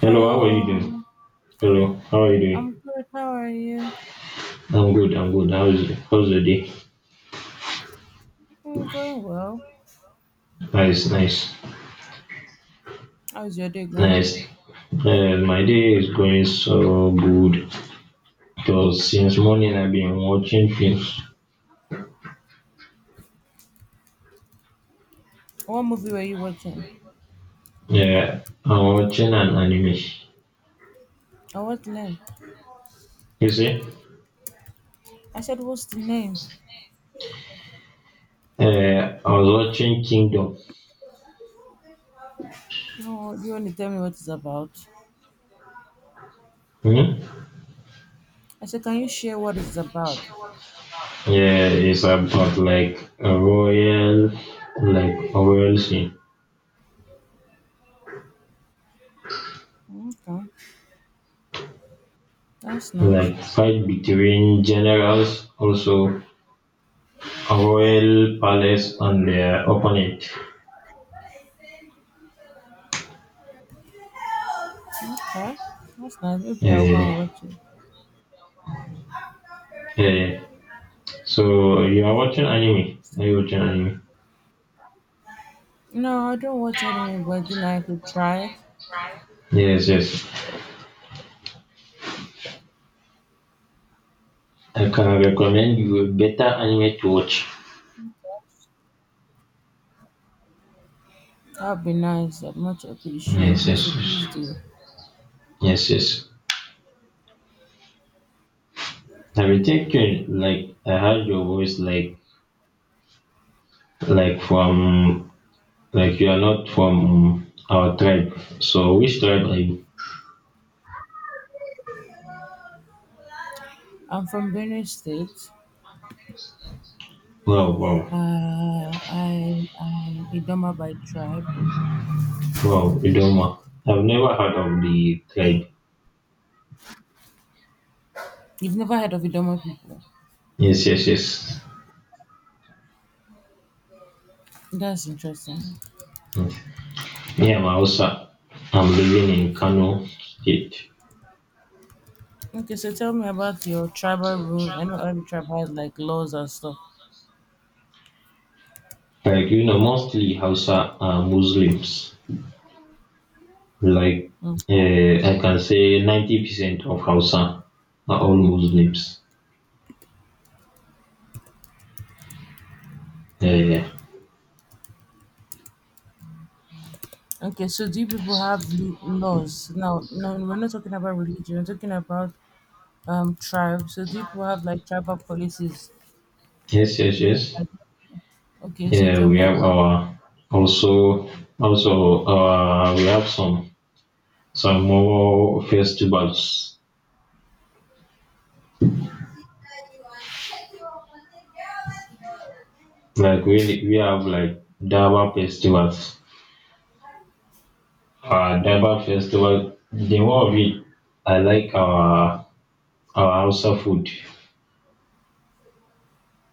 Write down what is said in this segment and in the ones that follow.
Hello, how are you Hello, doing? Hello, how are you I'm doing? good. How are you? I'm good. How's the day? I'm going well. Nice, nice, How's your day going? nice. My day is going so good because since morning I've been watching films. What movie were you watching? Yeah, I'm watching an anime. Oh, what name? You see? I said, what's the name? I was watching Kingdom. Oh, you only tell me what it's about? Hmm? I said, can you share what it's about? Yeah, it's about like a royal scene, Okay, that's nice. like fight between generals, also a royal palace and their opponent. Okay, that's nice. Maybe Yeah, I'll yeah, go and yeah. watch it. Yeah. So you are watching anime. Are you watching anime? No, I don't watch anime, but I could try. Yes. I can recommend you a better anime to watch. That'd be nice. I'd much appreciate Yes, it. So yes, yes, please do. yes. I've been thinking like I heard your voice like from like you are not from our tribe. So which tribe are you? I'm from Benue State. Wow, wow, I am Idoma by tribe. wow, Idoma. I've never heard of the tribe. You've never heard of Idoma people? Yes. That's interesting. Me, I'm Hausa. I'm living in Kano State. Okay, so tell me about your tribal rules. I know every tribe has like laws and stuff. Like, mostly Hausa are Muslims. Like, Mm. I can say 90% of Hausa are all Muslims. Yeah. Okay, so do you people have laws? Now, no, we're not talking about religion. We're talking about tribe. So do you people have like tribal policies? Yes. Okay, so Yeah, tell we me have about. our also we have some more festivals. Like we have like Daba festivals. Daba festival the more of it I like our Hausa food.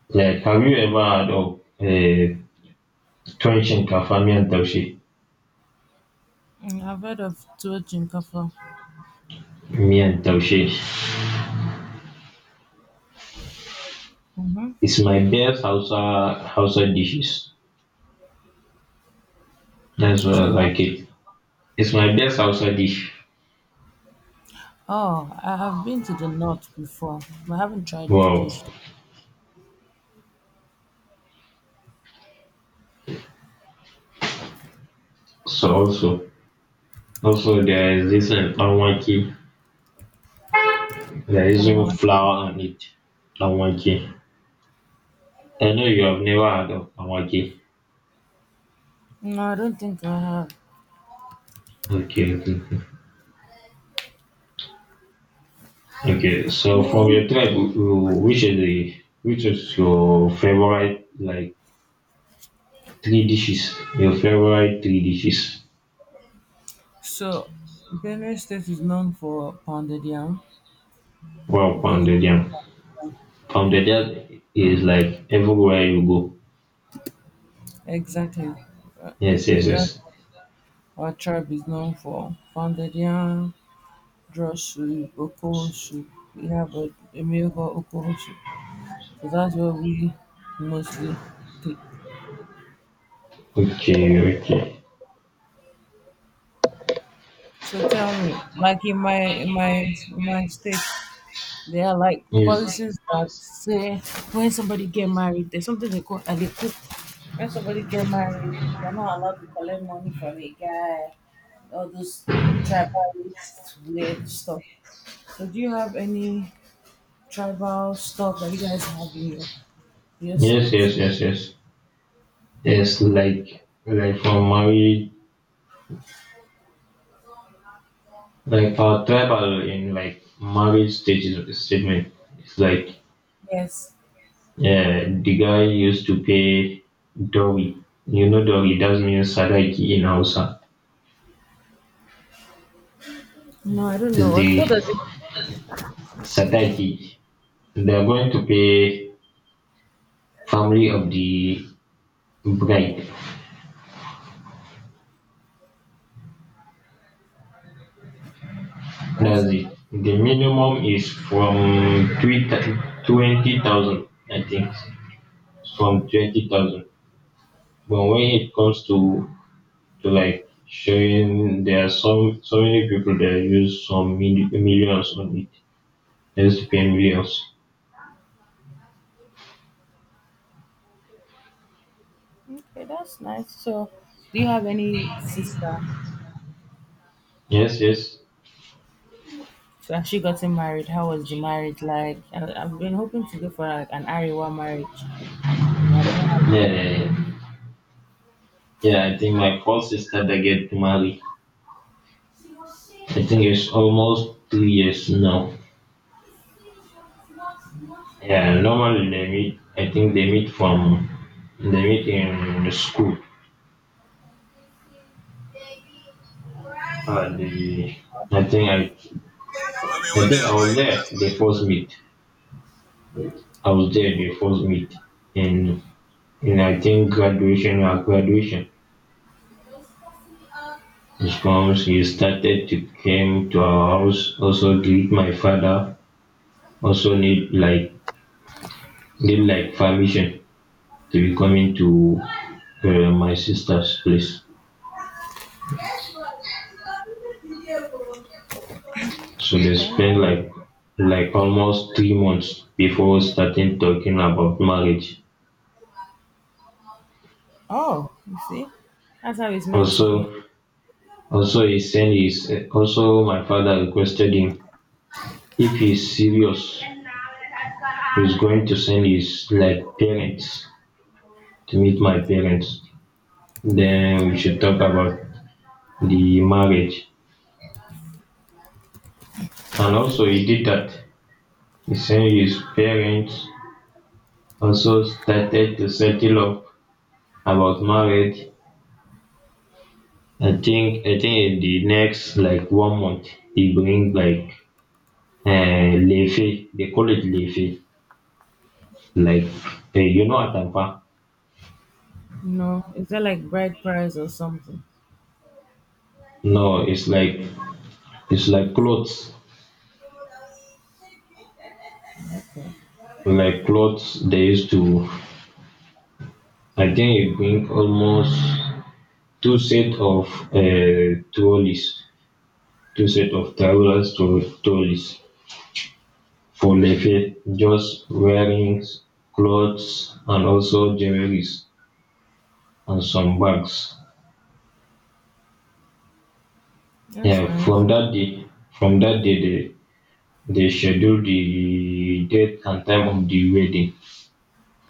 Like have you ever had of Tuwon shinkafa miyan taushe, Mm, I've heard of Tuo Chinkafa. miyan taushe. Mm-hmm. It's my best Hausa dishes. That's why You I said what? like it. It's my best Hausa dish. Oh, I have been to the north before, but I haven't tried the Wow. dish. So also, also there is this danwake. There is That no one? flour on it. Danwake. I know you have never heard of danwake. No, I don't think I have. Okay. Okay, so from Um, your tribe, which is your favorite like three dishes? Your favorite three dishes? So, Benue State is known for pounded yam Wow, because pounded yam. From the job is like everywhere you go. exactly, Yes, yes, and that's yes. what our tribe is known for pounded yam, draw soup, okoro soup. We have a meal called okoro soup, so that's what we mostly take. Okay, okay. So tell me, like in my in my state, they are like Yes. policies that say when somebody get married, there's something they call and they put when somebody get married, they're not allowed to collect money from a guy, all those tribalist weird stuff. So do you have any tribal stuff that you guys have in your Yes, state? yes, yes, yes. Yes, for marriage, like for tribal in like marriage stages statement, it's like Yes. yeah, the guy used to pay dowry. You know dowry, that means sadaki in Hausa. No, I don't know. It's What the does it? sadaki. They're going to pay family of the bride. That's That's nice. it. The minimum is from 20,000, I think. From 20,000. But when it comes to, like showing, there are so many people that use some millions on it. They used to pay millions. Okay, that's nice. So, do you have any sister? Yes. So actually gotten married. How was the marriage like? I've been hoping to go for like an Ariwa marriage. You know, I've not had Yeah. Yeah, I think my first sister that get married. I think it's almost 2 years now. Yeah, normally they meet. I think they meet from they meet in the school. The I think I I One day think I I'll buy was there it. the first meet. I was there the first meet, and I think graduation or graduation. His comes. He started to Came to our house. Also greet my father. Also need like permission they be coming to my sister's place. It. So they Okay. spent like almost 3 months before starting talking about marriage. Oh, you see? That's how it's meant to be. Also, he sent his also my father requested him if he's serious, he's going to send his like parents to meet my parents. Then we should talk about the marriage. And also he did that. He sent his parents also started to settle up about marriage. I think in the next like 1 month he bring like lefe, they call it lefe, like you know atamfa. No, is that like bride price or something? No, it's like it's like clothes Okay. Clothes they used to. I think He bring almost two set of uh, trolleys, two set of travelers to trolleys for lefe, just wearing clothes and also jewelries and some bags. That's Yeah, nice. From that day they schedule the date and time of the wedding.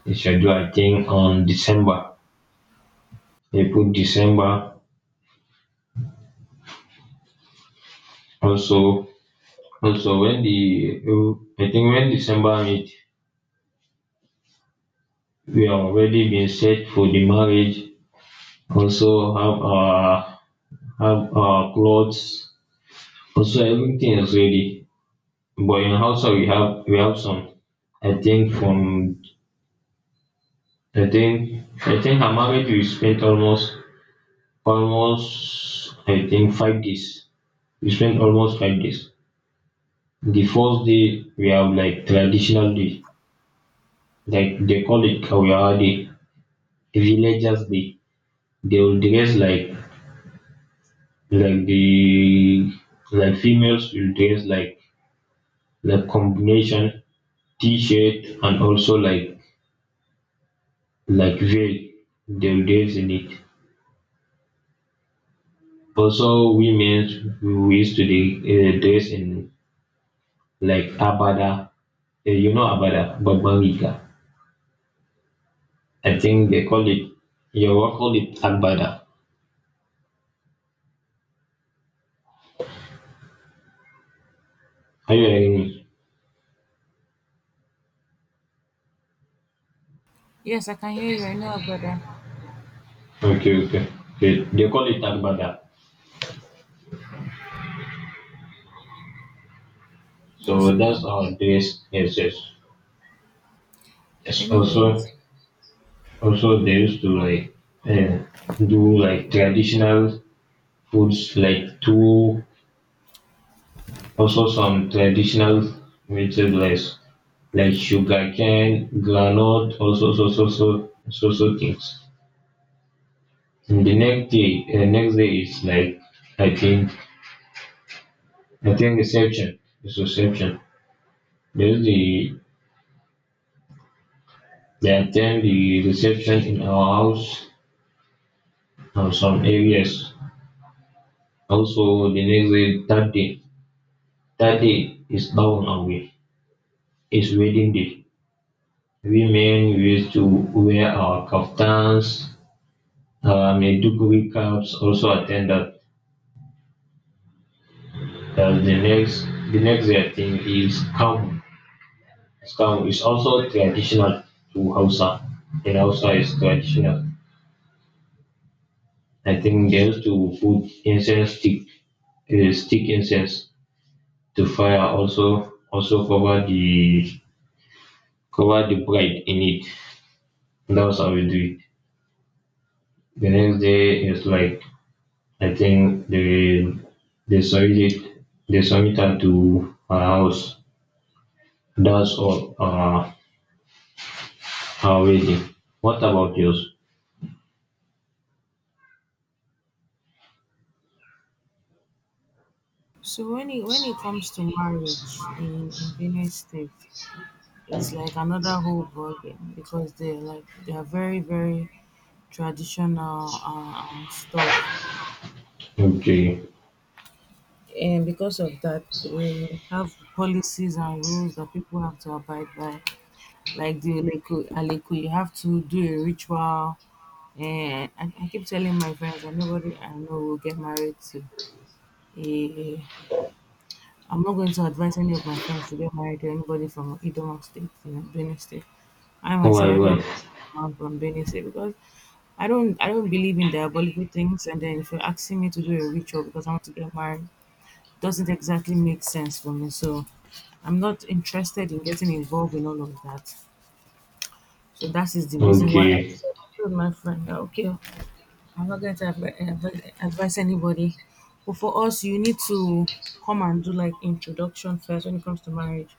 They schedule I think on december, they put december. Also, when the I think when december meet, we are already been set for the marriage. Also have our clothes. Also everything is ready. But in hausa we have some. I think from I think I think Her marriage we spent almost I think 5 days. We spent almost 5 days. The first day we have like traditional day, like they call it Kauyawa Day, Villagers Day. They will dress like the like females will dress combination t-shirt and also like veil. They will dress in it. Also, women we used to dress in like abada. You know abada, babban riga, I think they call it your work call it agbada. Are you hearing me? Yes, I can hear you. I know brother. Okay, okay. They call it agbada. That's So nice. that's our dress. Yes. Yes. Also, Anyways, they used to like uh, do like traditional foods like tuwo. Also some traditional vegetables like sugarcane, granite, also so things. And the next day is like I think I think reception is reception. There's the they attend the reception in our house and some areas. Also the next day, third day. Third day is down away. It's wedding day. We men we used to Wear our kaftans, maiduguri caps, also attend that. The next day I think is kamu. It's kamu. It's also traditional to Hausa. In Hausa is traditional. I think they used to put incense stick, stick incense to fire, also cover the bride in it. That was how we do it. The next day is like I think they submit it, they submit am to her house. That's all, our wedding. What about yours? so when it comes to marriage in Benue State, it's like another whole ballgame because they're like they're very very traditional and stuff, Okay. and because of that they have policies and rules that people have to abide by like the Aleku, Aleku you have to do a ritual, and I keep telling my friends that nobody I know will get married to a. I'm not going to advise any of my friends to get married to anybody from Idoma State, you know, Benue State. I myself, Why I why? don't want to marry a man from Benue State because I don't believe in diabolical things. And then if you're asking me to do a ritual because I want to get married, doesn't exactly make sense for me. So I'm not interested in getting involved in all of that. So that is the reason why I Okay. said I told my friend that, okay, I'm not going to advise anybody. But for us, you need to come and do like introduction first when it comes to marriage.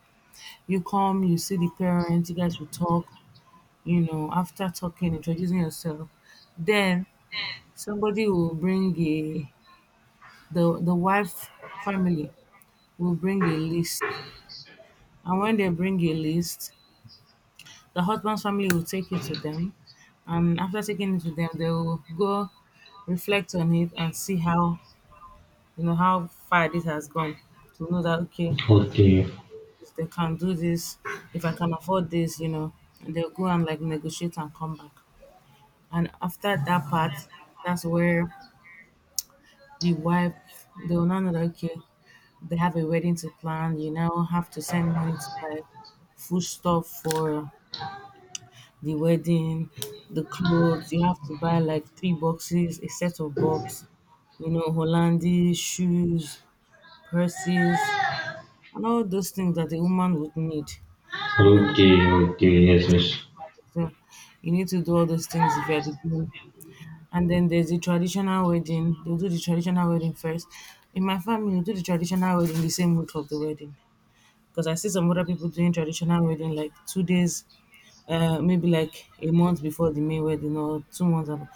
You come, you see the parents, you guys will talk, you know, after talking, introducing yourself. Then somebody will bring a the wife family will bring a list. And when they bring a list, the husband's family will take it to them. And after taking it to them, they will go reflect on it and see how, you know, how far this has gone, to know that okay Okay. they can do this, if I can afford this, you know, and they'll go and like negotiate and come back, and after that part, that's where the wife, they will now know that okay they have a wedding to plan, you now have to send money to buy food stuff for the wedding, the clothes you have to buy like 3 boxes, a set of box, you know, hollandies, shoes, purses, and all those things that a woman would need, you know, Okay. Okay. Yes, getting yes. to marry. So you need to do all those things if you're the groom. And then there's the traditional wedding. They'll do the traditional wedding first. In my family, we do the traditional wedding the same week of the wedding. Because I see some other people doing traditional wedding like 2 days, maybe like a month before the main wedding, or 2 months. After.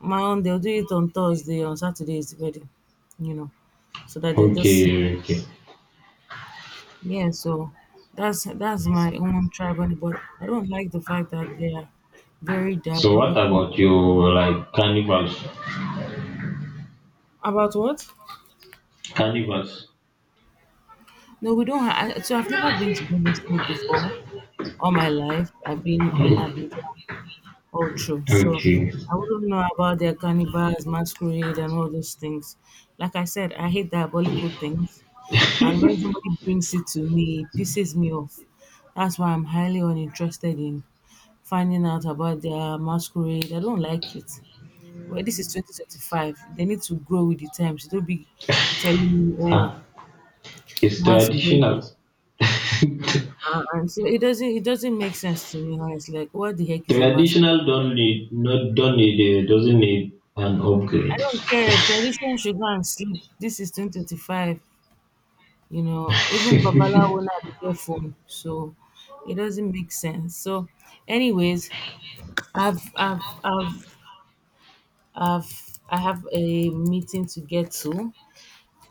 My own, they'll do it on Thursday, on Saturday is the wedding, you know, so that they just see. Okay. Okay. Yeah, so that's my own tribe, and but I don't like the fact that they are very So what diabolical. about your like carnivals? About what? Carnivals. No, we don't. I, so I've never been to Benue State before. All my life, I've been in Abuja. Oh, true. So Okay. I wouldn't know about their carnivals, masquerade, and all those things. Like I said, I hate diabolical things. And when somebody brings it to me, it pisses me off. That's why I'm highly uninterested in finding out about their masquerade. I don't like it. Well, this is 2025. They need to grow with the times. Don't be telling me, oh, Ah, it's masquerade. traditional. And so it doesn't make sense to me. How. It's like, what the heck is a masquerade? Traditional don't need not don't need a, doesn't need an I upgrade. don't care. Tradition should go and sleep. This is 2025. You know, even Babalawo now they get phone, so it doesn't make sense. So, anyways, I've I've I've I have a meeting to get to.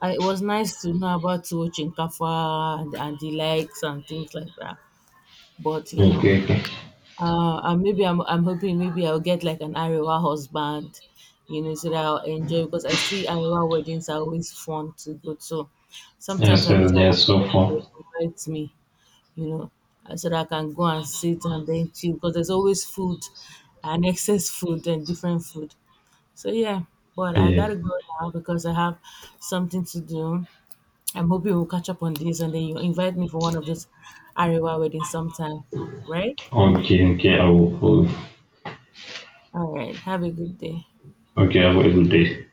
I, it was nice to know about Tuwo Chinkafa and the likes and things like that. But you know, Okay, okay. And maybe I'm hoping maybe I'll get like an Arewa husband, you know, so that I'll enjoy because I see Arewa weddings are always fun to go to. Yeah, Sometimes I so wish I yeah, had a so friend that far. would invite me, you know, so that I can go and sit and then chill because there's always food and excess food and different food. So yeah, but I Yeah. gotta go now because I have something to do. I'm hoping we'll catch up on this and then you invite me for one of those Arewa weddings sometime, right? Okay, I will- All right. Have a good day. okay, have a good day.